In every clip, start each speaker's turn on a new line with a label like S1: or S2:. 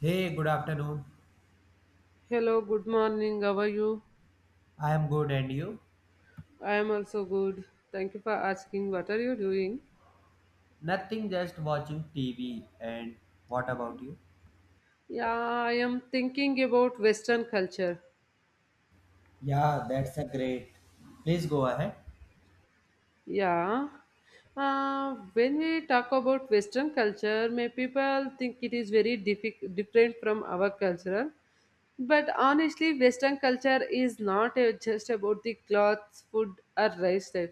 S1: Hey, good afternoon.
S2: Hello, good morning. How are you?
S1: I am good, and you?
S2: I am also good. Thank you for asking. What are you doing?
S1: Nothing, just watching TV. And what about you?
S2: Yeah, I am thinking about Western culture.
S1: Yeah, that's a great. Please go ahead.
S2: Yeah. When we talk about Western culture, may people think it is very different from our culture. But honestly, Western culture is not just about the clothes, food, or lifestyle.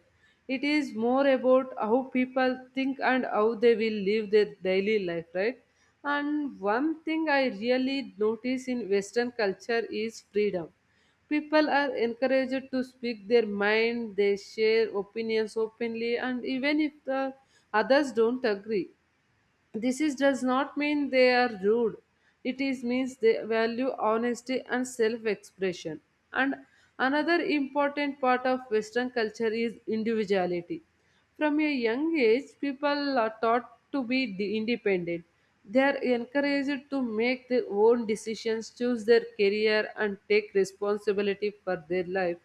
S2: It is more about how people think and how they will live their daily life, right? And one thing I really notice in Western culture is freedom. People are encouraged to speak their mind, they share opinions openly, and even if the others don't agree, does not mean they are rude. It is means they value honesty and self-expression. And another important part of Western culture is individuality. From a young age, people are taught to be independent. They are encouraged to make their own decisions, choose their career, and take responsibility for their life.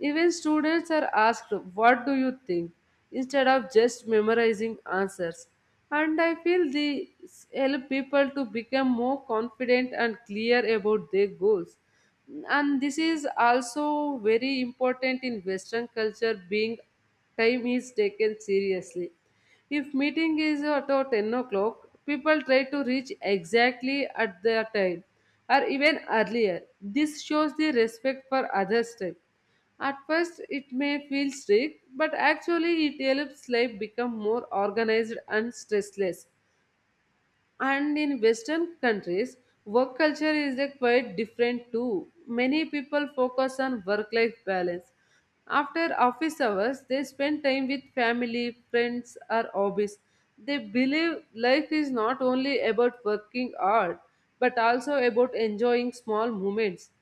S2: Even students are asked, "What do you think?" instead of just memorizing answers. And I feel this help people to become more confident and clear about their goals. And this is also very important in Western culture, being time is taken seriously. If meeting is at 10 o'clock, people try to reach exactly at their time or even earlier. This shows the respect for others' time. At first, it may feel strict, but actually, it helps life become more organized and stressless. And in Western countries, work culture is a quite different too. Many people focus on work life balance. After office hours, they spend time with family, friends, or hobbies. They believe life is not only about working hard, but also about enjoying small moments.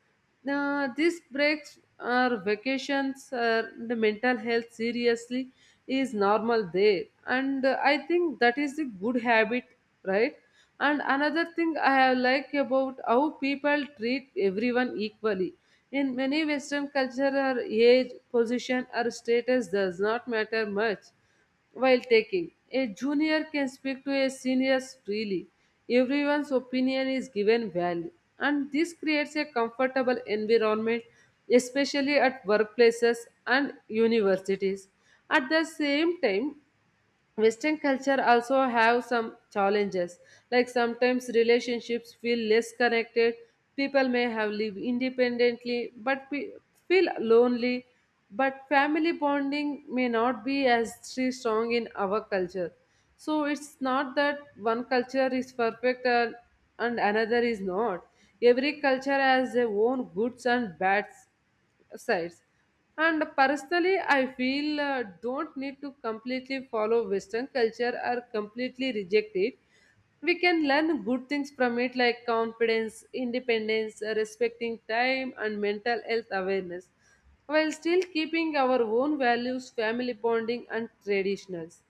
S2: Now, these breaks or vacations or the mental health seriously is normal there. And I think that is the good habit, right? And another thing I have like about how people treat everyone equally. In many Western culture, or age, position, or status does not matter much while taking. A junior can speak to a senior freely. Everyone's opinion is given value, and this creates a comfortable environment, especially at workplaces and universities. At the same time, Western culture also have some challenges, like sometimes relationships feel less connected. People may have lived independently but feel lonely. But family bonding may not be as three strong in our culture. So it's not that one culture is perfect and another is not. Every culture has their own goods and bads sides. And personally, I feel don't need to completely follow Western culture or completely reject it. We can learn good things from it, like confidence, independence, respecting time, and mental health awareness, while still keeping our own values, family bonding, and traditionals.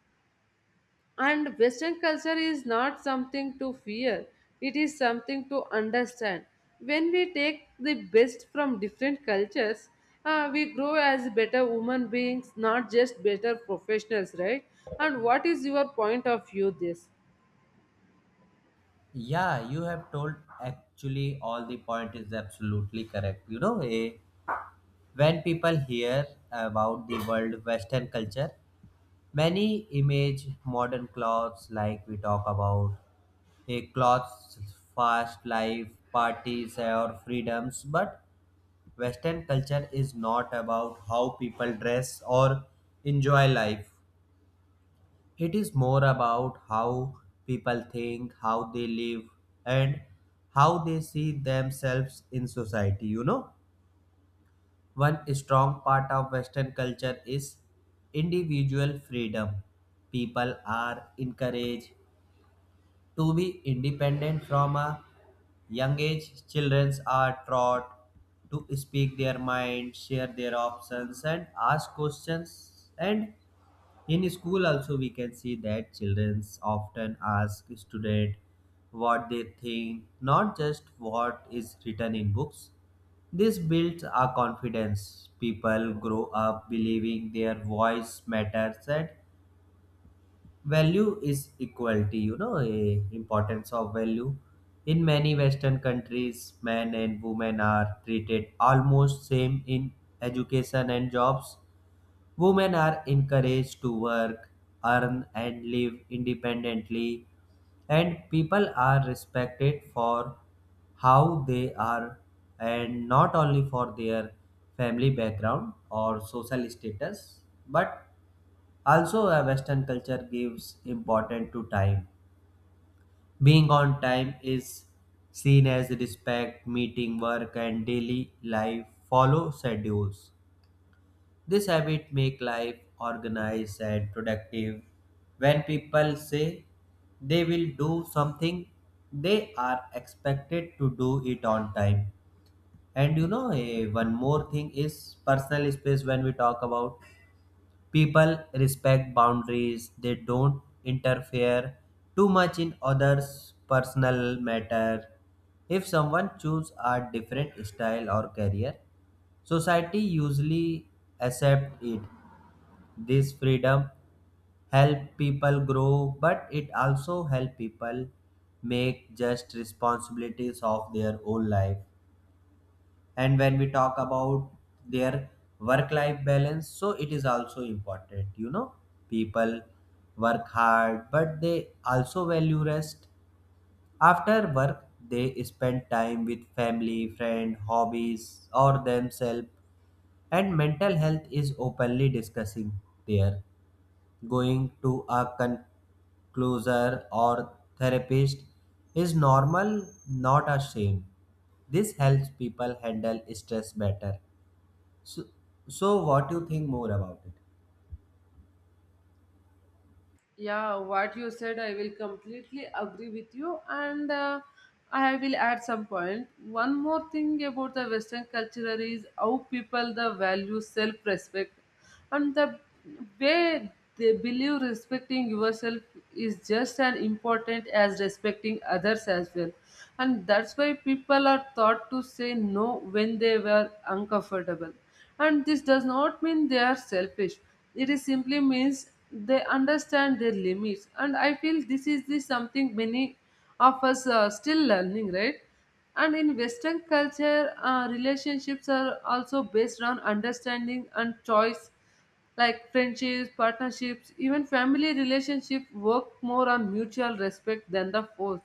S2: And Western culture is not something to fear, it is something to understand. When we take the best from different cultures, we grow as better human beings, not just better professionals, right? And what is your point of view this?
S1: Yeah, you have told actually all the point is absolutely correct. You know, when people hear about the world Western culture, many image modern clothes like we talk about a clothes fast life parties or freedoms, but Western culture is not about how people dress or enjoy life. It is more about how people think, how they live, and how they see themselves in society. You know, one strong part of Western culture is individual freedom. People are encouraged to be independent from a young age, children are taught to speak their mind, share their options, and ask questions. And in school, also, we can see that children often ask student what they think, not just what is written in books. This builds our confidence. People grow up believing their voice matters and value is equality. You know, a importance of value in many western countries, men and women are treated almost same in education and jobs. Women are encouraged to work, earn, and live independently, and people are respected for how they are, and not only for their family background or social status. But also, a Western culture gives importance to time. Being on time is seen as respect, meeting work, and daily life follow schedules. This habit make life organized and productive. When people say they will do something, they are expected to do it on time. And you know, one more thing is personal space when we talk about. People respect boundaries, they don't interfere too much in others' personal matter. If someone chooses a different style or career, society usually accepts it. This freedom help people grow, but it also help people make just responsibilities of their own life. And when we talk about their work life balance, so it is also important. You know, people work hard, but they also value rest. After work, they spend time with family, friend, hobbies, or themselves, and mental health is openly discussing there. Going to a conclusion or therapist is normal, not a shame. This helps people handle stress better. So, so what do you think more about it?
S2: Yeah, what you said, I will completely agree with you, and I will add some point. One more thing about the Western culture is how people the value self-respect, and the way they believe respecting yourself is just as important as respecting others as well, and that's why people are taught to say no when they were uncomfortable and this does not mean they are selfish. It is simply means they understand their limits. And I feel this is the something many of us are still learning, right? And in Western culture, relationships are also based on understanding and choice like friendships, partnerships, even family relationships work more on mutual respect than the force.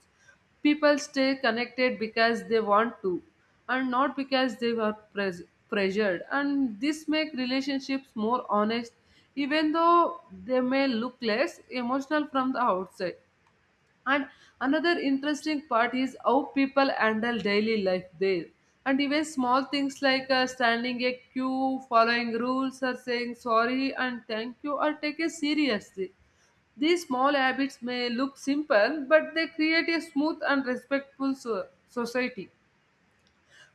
S2: People stay connected because they want to and not because they were pressured and this make relationships more honest even though they may look less emotional from the outside and another interesting part is how people handle daily life there. And even small things like standing a queue, following rules, or saying sorry and thank you are taken seriously. These small habits may look simple, but they create a smooth and respectful society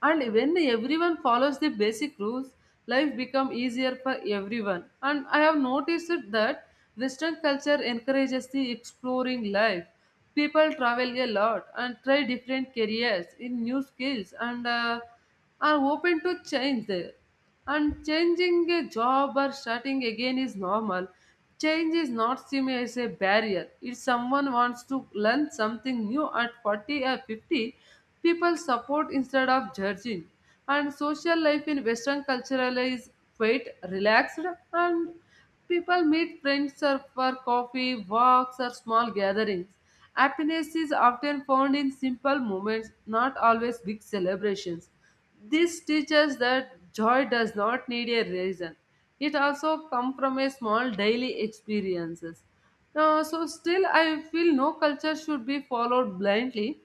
S2: and when everyone follows the basic rules life becomes easier for everyone, and I have noticed that Western culture encourages the exploring life. People travel a lot and try different careers in new skills and are open to change there and changing a job or starting again is normal. Change is not seen as a barrier. If someone wants to learn something new at 40 or 50, people support instead of judging. And social life in Western culture is quite relaxed, and people meet friends or for coffee, walks, or small gatherings. Happiness is often found in simple moments, not always big celebrations. This teaches that joy does not need a reason. It also comes from a small daily experiences. Now, so still I feel no culture should be followed blindly.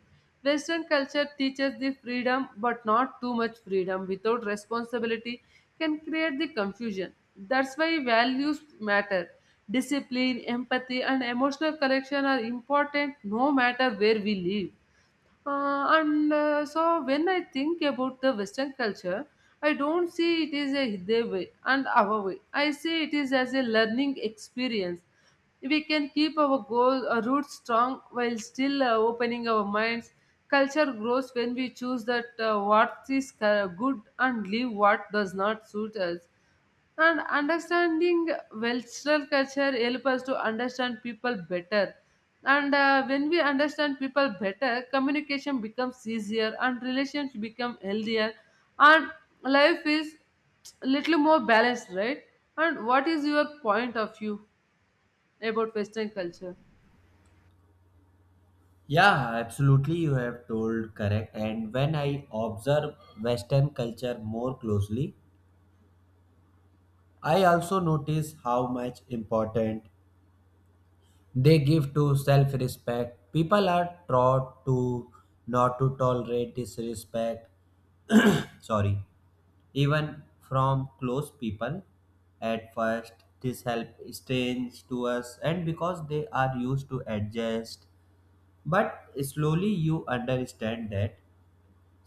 S2: Western culture teaches the freedom, but not too much freedom without responsibility can create the confusion. That's why values matter. Discipline, empathy, and emotional connection are important no matter where we live. And so when I think about the Western culture, I don't see it as a their way and our way. I see it is as a learning experience. We can keep our goal roots strong while still opening our minds. Culture grows when we choose that what is good and leave what does not suit us. And understanding Western culture help us to understand people better. And when we understand people better, communication becomes easier and relations become healthier and life is little more balanced, right? And what is your point of view about Western culture?
S1: Yeah, absolutely. You have told correct. And when I observe Western culture more closely, I also notice how much important they give to self-respect. People are taught to not to tolerate disrespect. Sorry, even from close people. At first, this help strange to us, and because they are used to adjust. But slowly you understand that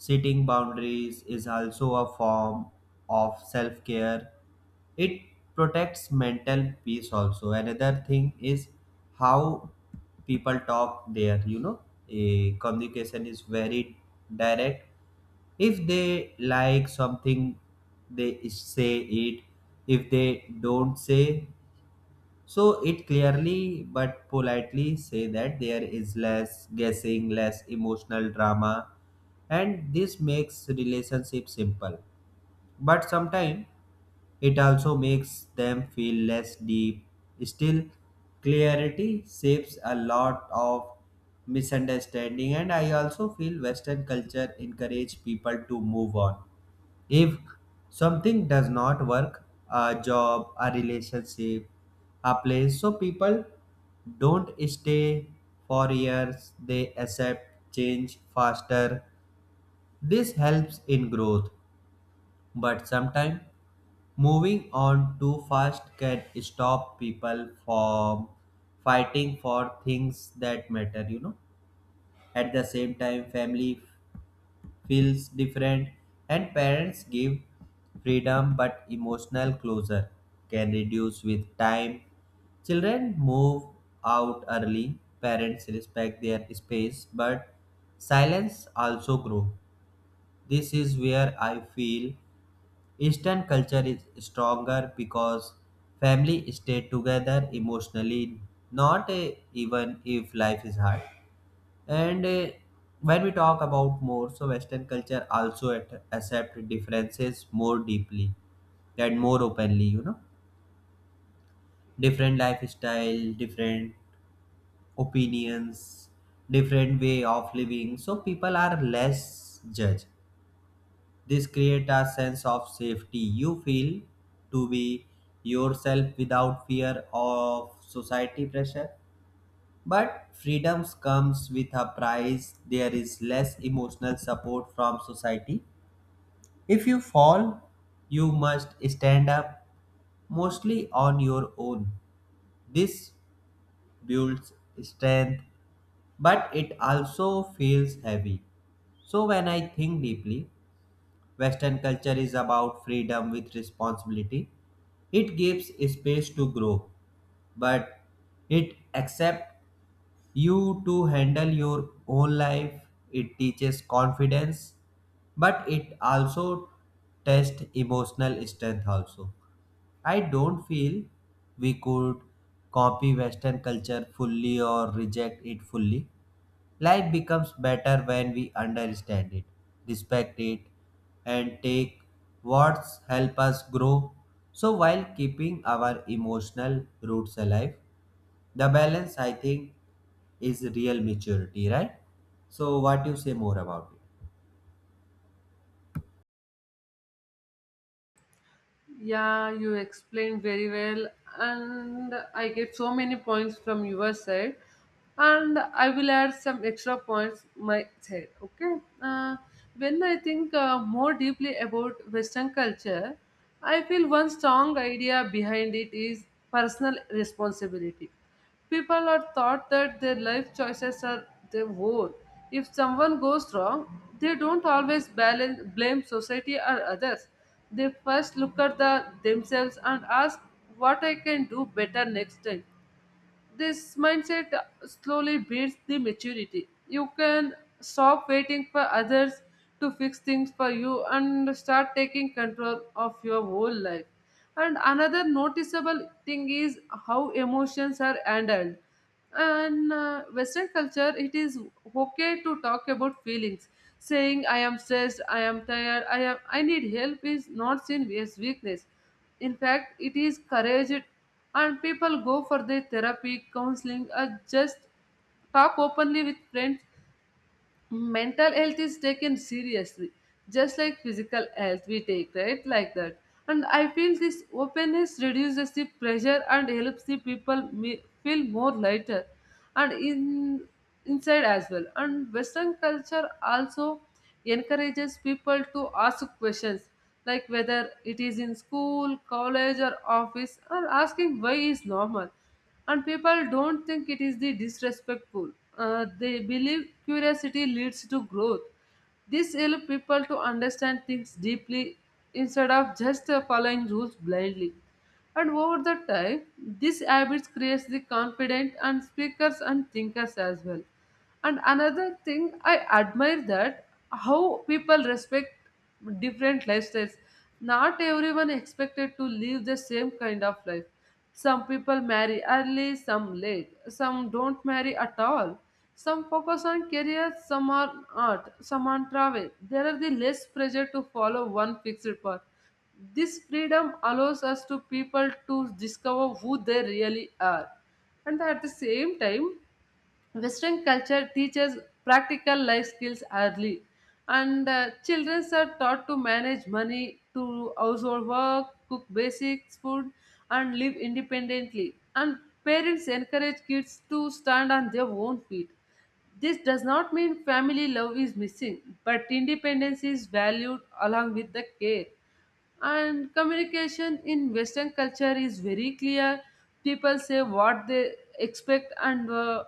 S1: setting boundaries is also a form of self care. It protects mental peace also. Another thing is how people talk there, you know, a communication is very direct. If they like something, they say it. If they don't say, so it clearly but politely say that. There is less guessing, less emotional drama, and this makes relationship simple. But sometimes it also makes them feel less deep. Still, clarity saves a lot of misunderstanding, and I also feel Western culture encourage people to move on if something does not work, a job, a relationship, a place, so people don't stay for years, they accept change faster. This helps in growth, but sometimes moving on too fast can stop people from fighting for things that matter. At the same time, family feels different, and parents give freedom but emotional closure can reduce with time. Children move out early, parents respect their space, but silence also grows. This is where I feel Eastern culture is stronger because family stay together emotionally, not even if life is hard. And when we talk about more, so Western culture also accept differences more deeply and more openly. You know, different lifestyle, different opinions, different way of living. So people are less judged. This create a sense of safety. You feel to be yourself without fear of society pressure. But freedoms comes with a price. There is less emotional support from society. If you fall, you must stand up, mostly on your own. This builds strength, but it also feels heavy. So, when I think deeply, Western culture is about freedom with responsibility. It gives space to grow, but it accepts you to handle your own life. It teaches confidence, but it also tests emotional strength also. I don't feel we could copy Western culture fully or reject it fully. Life becomes better when we understand it, respect it, and take what's help us grow. So while keeping our emotional roots alive, the balance I think is real maturity, right? So, what you say more about it?
S2: Yeah, you explained very well, and I get so many points from your side. And I will add some extra points my side. Okay. When I think more deeply about Western culture, I feel one strong idea behind it is personal responsibility. People are taught that their life choices are their own. If someone goes wrong, they don't always balance, blame society or others. They first look at themselves and ask what I can do better next time. This mindset slowly builds the maturity. You can stop waiting for others to fix things for you and start taking control of your whole life. And another noticeable thing is how emotions are handled. And Western culture, it is okay to talk about feelings. Saying I am stressed, I am tired, I need help is not seen as weakness. In fact, it is courage and people go for their therapy counseling or just talk openly with friends, mental health is taken seriously just like physical health we take right like that. And I feel this openness reduces the pressure and helps the people feel more lighter and in inside as well. And Western culture also encourages people to ask questions like whether it is in school college or office and asking why is normal and people don't think it is the disrespectful. They believe curiosity leads to growth, this helps people to understand things deeply instead of just following rules blindly and over the time this habit creates the confident and speakers and thinkers as well. And another thing I admire that how people respect different lifestyles. Not everyone expected to live the same kind of life. Some people marry early, some late, some don't marry at all. Some focus on career, some on art, some on travel. There are the less pressure to follow one fixed path. This freedom allows us to people to discover who they really are. And at the same time, Western culture teaches practical life skills early, and children are taught to manage money, to household work, cook basic food, and live independently. And parents encourage kids to stand on their own feet. This does not mean family love is missing, but independence is valued along with the care and communication in Western culture is very clear, people say what they expect and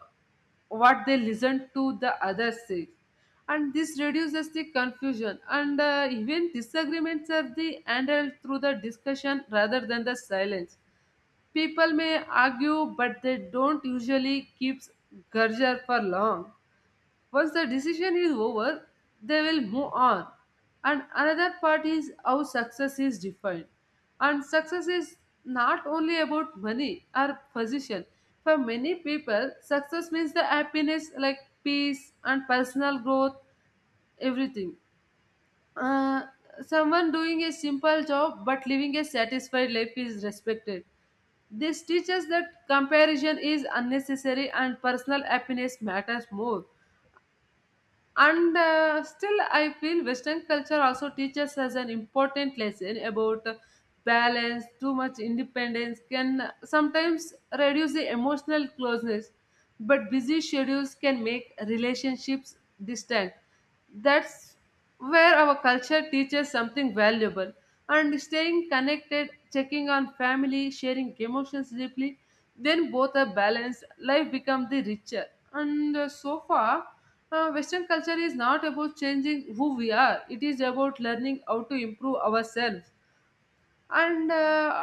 S2: what they listen to the other say and this reduces the confusion and even disagreements are the handled through the discussion rather than the silence. People may argue but they don't usually keep grudge for long. Once the decision is over, they will move on. And another part is how success is defined. And success is not only about money or position. For many people, success means the happiness like peace and personal growth, everything. Uh, someone doing a simple job but living a satisfied life is respected. This teaches that comparison is unnecessary and personal happiness matters more. And Still, I feel Western culture also teaches us an important lesson about balance. Too much independence can sometimes reduce the emotional closeness, but busy schedules can make relationships distant. That's where our culture teaches something valuable, and staying connected, checking on family, sharing emotions deeply, then both are balanced, life becomes the richer. And So far, Western culture is not about changing who we are, it is about learning how to improve ourselves. And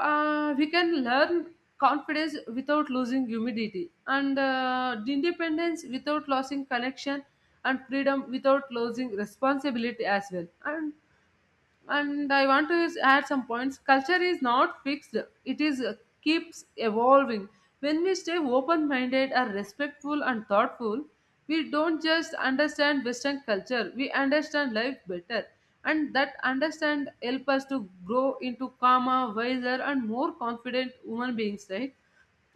S2: We can learn confidence without losing humidity, and independence without losing connection, and freedom without losing responsibility as well. And I want to add some points. Culture is not fixed, it is keeps evolving. When we stay open minded, are respectful and thoughtful, we don't just understand Western culture, we understand life better, and that understand help us to grow into calmer, wiser, and more confident human beings, right?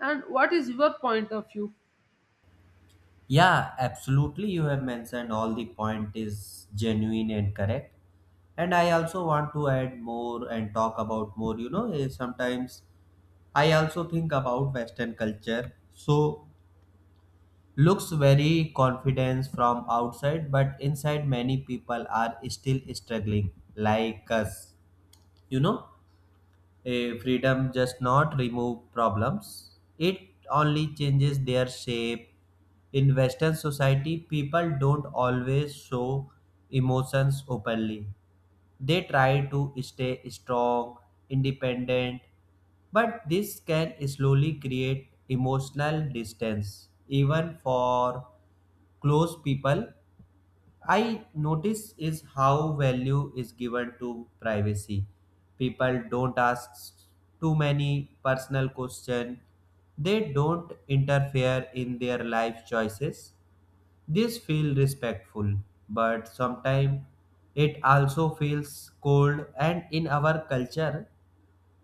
S2: And what is your point of view?
S1: Yeah, absolutely. You have mentioned all the point is genuine and correct. And I also want to add more and talk about more. You know, sometimes I also think about Western culture. So, looks very confidence from outside, but inside many people are still struggling like us. You know, a freedom does not remove problems. It only changes their shape. In Western society, people don't always show emotions openly. They try to stay strong, independent, but this can slowly create emotional distance even for close people. I notice is how value is given to privacy. People don't ask too many personal questions. They don't interfere in their life choices. This feels respectful, but sometimes it also feels cold. And in our culture,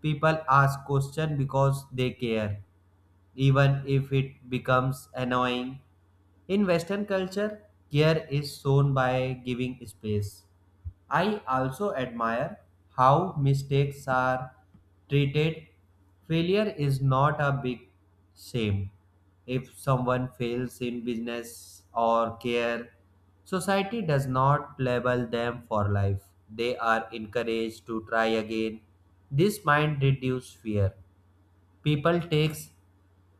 S1: people ask questions because they care, even if it becomes annoying. In Western culture, care is shown by giving space. I also admire how mistakes are treated. Failure is not a big shame. If someone fails in business or care, society does not label them for life. They are encouraged to try again. This mind reduces fear. People takes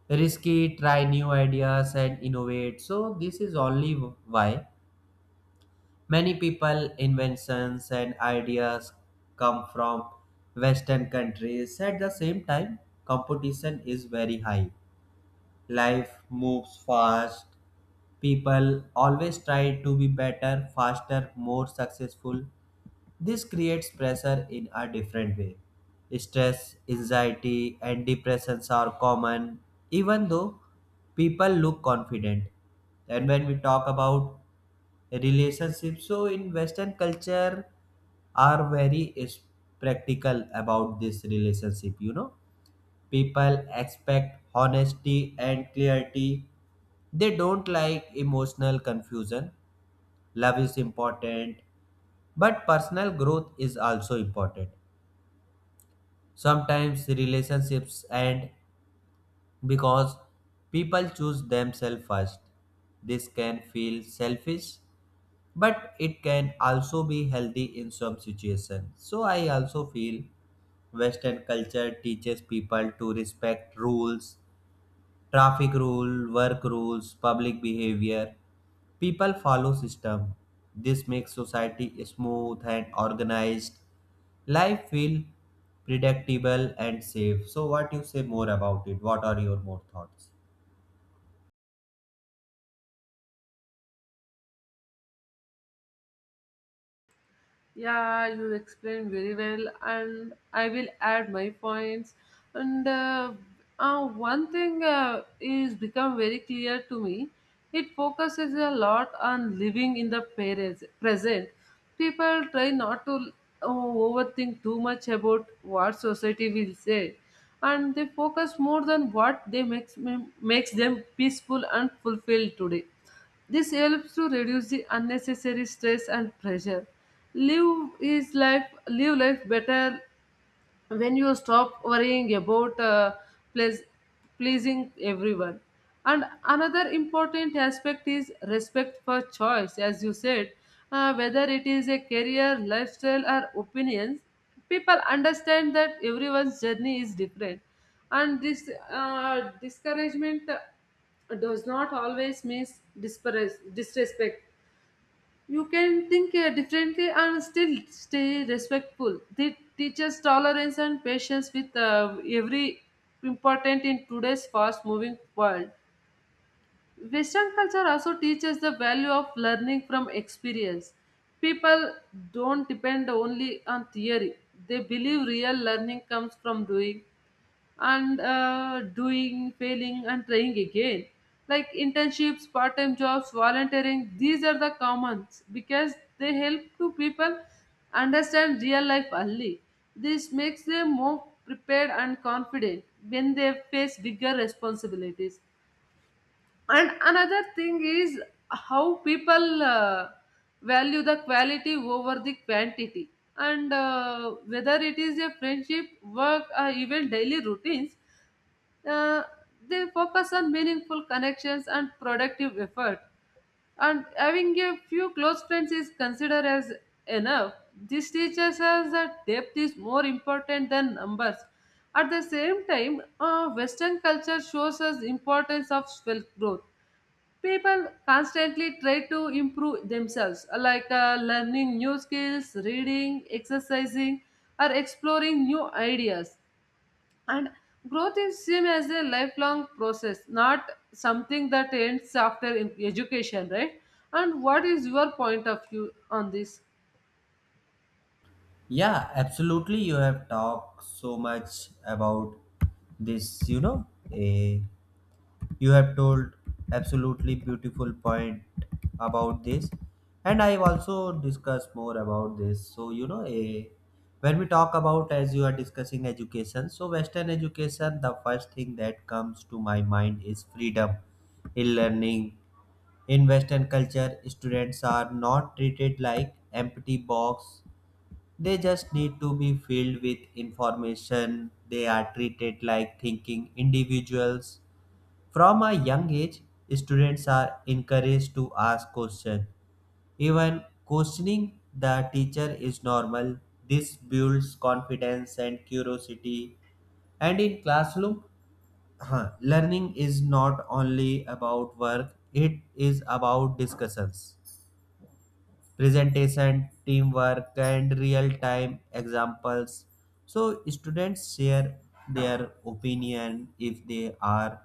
S1: risky, try new ideas, and innovate, so this is only why many people inventions and ideas come from western countries. At the same time, competition is very high. Life moves fast. People always try to be better, faster, more successful. This creates pressure in a different way. Stress, anxiety, and depressions are common, even though people look confident. And when we talk about relationships, so in Western culture, are very is practical about this relationship. You know, people expect honesty and clarity. They don't like emotional confusion. Love is important, but personal growth is also important. Sometimes relationships end because people choose themselves first. This can feel selfish, but it can also be healthy in some situations. So I also feel western culture teaches people to respect rules, traffic rule, work rules, public behavior. People follow system. This makes society smooth and organized. Life feel predictable and safe. So what you say more about it? What are your more thoughts?
S2: Yeah, you explained very well, and I will add my points. And One thing is become very clear to me. It focuses a lot on living in the present. People try not to overthink too much about what society will say, and they focus more on what they makes them peaceful and fulfilled today. This helps to reduce the unnecessary stress and pressure. Live is life live life better when you stop worrying about pleas- pleasing everyone. And another important aspect is respect for choice, as you said, whether it is a career, lifestyle, or opinions. People understand that everyone's journey is different, and this discouragement does not always mean disrespect. You can think differently and still stay respectful. They teach us tolerance and patience with every important in today's fast-moving world. Western culture also teaches the value of learning from experience. People don't depend only on theory. They believe real learning comes from doing, and doing, failing, and trying again. Like internships, part time jobs, volunteering, these are the commons because they help to people understand real life early. This makes them more prepared and confident when they face bigger responsibilities. And another thing is how people value the quality over the quantity. And whether it is a friendship, work, or even daily routines, uh, they focus on meaningful connections and productive effort. And having a few close friends is considered as enough. This teaches us that depth is more important than numbers. At the same time, Western culture shows us importance of self growth. People constantly try to improve themselves, like learning new skills, reading, exercising, or exploring new ideas, and growth is seen as a lifelong process, not something that ends after education, right? And what is your point of view on this?
S1: Yeah, absolutely. You have talked so much about this, you know, eh, you have told absolutely beautiful point about this. And I've also discussed more about this. So, you know, a when we talk about, as you are discussing education, so Western education, the first thing that comes to my mind is freedom in learning. In Western culture, students are not treated like empty box. They just need to be filled with information. They are treated like thinking individuals. From a young age, students are encouraged to ask questions. Even questioning the teacher is normal. This builds confidence and curiosity. And in classroom, huh, learning is not only about work, it is about discussions, presentation, teamwork, and real time examples. So, students share their opinion if they are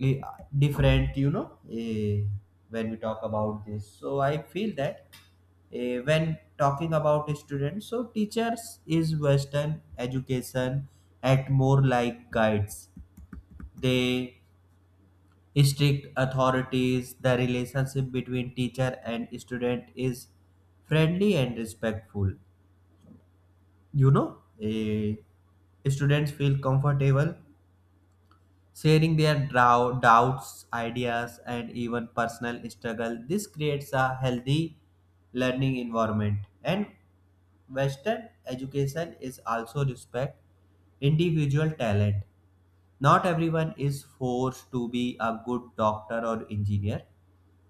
S1: eh, different. You know, when we talk about this. So, I feel that when talking about students, so teachers is Western education at more like guides. They strict authorities, the relationship between teacher and student is friendly and respectful. You know, students feel comfortable sharing their doubts, ideas, and even personal struggle. This creates a healthy learning environment. And Western education is also respect individual talent. Not everyone is forced to be a good doctor or engineer.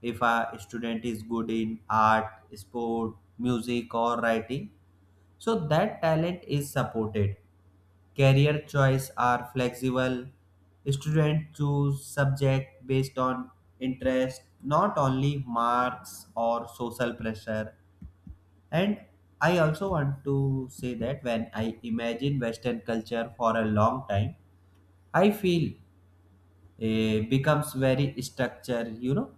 S1: If a student is good in art, sport, music, or writing, so that talent is supported. Career choice are flexible. Students choose subject based on interest, not only marks or social pressure. And I also want to say that when I imagine western culture for a long time, I feel becomes very structure. You know,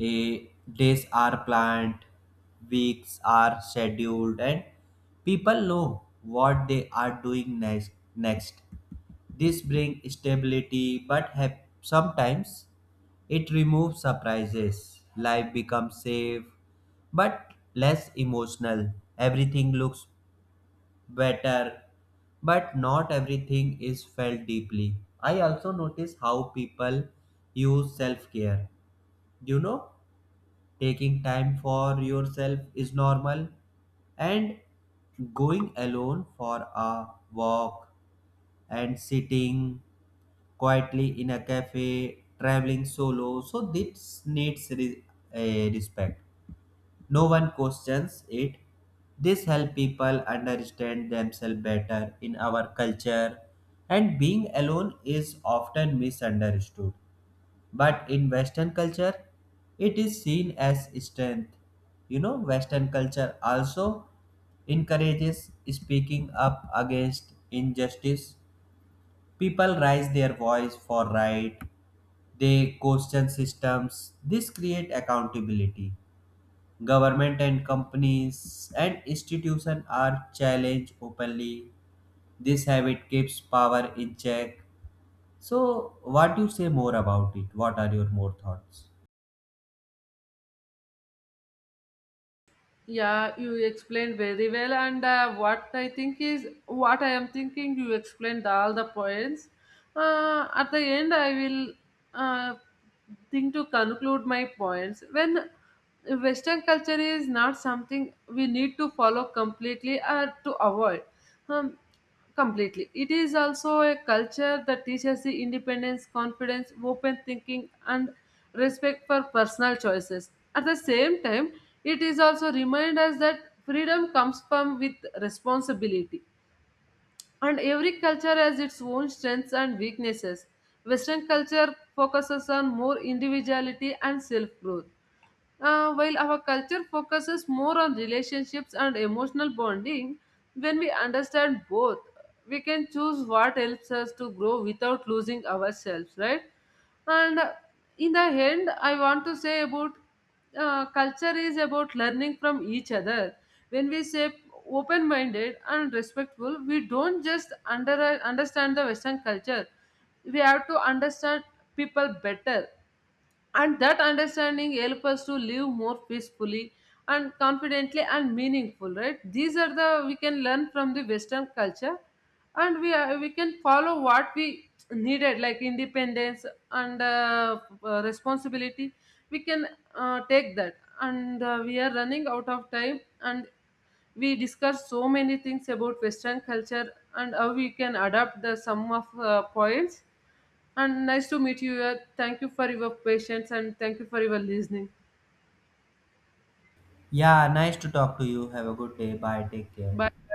S1: days are planned, weeks are scheduled, and people know what they are doing next. This brings stability, but sometimes it removes surprises. Life becomes safe but less emotional. Everything looks better, but not everything is felt deeply. I also notice how people use self care. You know, taking time for yourself is normal, and going alone for a walk and sitting quietly in a cafe, traveling solo. So, this needs a respect. No one questions it. This helps people understand themselves better. In our culture, and being alone is often misunderstood. But in Western culture, it is seen as strength. You know, Western culture also encourages speaking up against injustice. People raise their voice for right. They question systems. This create accountability. Government and companies and institutions are challenged openly. This habit keeps power in check. So, what you say more about it? What are your more thoughts?
S2: Yeah, you explained very well. And What I think is, what I am thinking, you explained all the points. At the end, I will uh, think to conclude my points. When Western culture is not something we need to follow completely or to avoid. Um, Completely. It is also a culture that teaches the independence, confidence, open thinking, and respect for personal choices. At the same time, it is also remind us that freedom comes from with responsibility. And every culture has its own strengths and weaknesses. Western culture focuses on more individuality and self growth, while our culture focuses more on relationships and emotional bonding. When we understand both, we can choose what helps us to grow without losing ourselves, right? And In the end, I want to say about culture is about learning from each other. When we say open minded and respectful, we don't just understand the Western culture, we have to understand people better, and that understanding help us to live more peacefully and confidently and meaningful, right? These are the we can learn from the Western culture, and we can follow what we needed, like independence, and responsibility. We can take that. And we are running out of time, and we discussed so many things about Western culture and how we can adapt the sum of points. And nice to meet you here. Thank you for your patience and thank you for your listening.
S1: Yeah, nice to talk to you. Have a good day. Bye. Take care.
S2: Bye.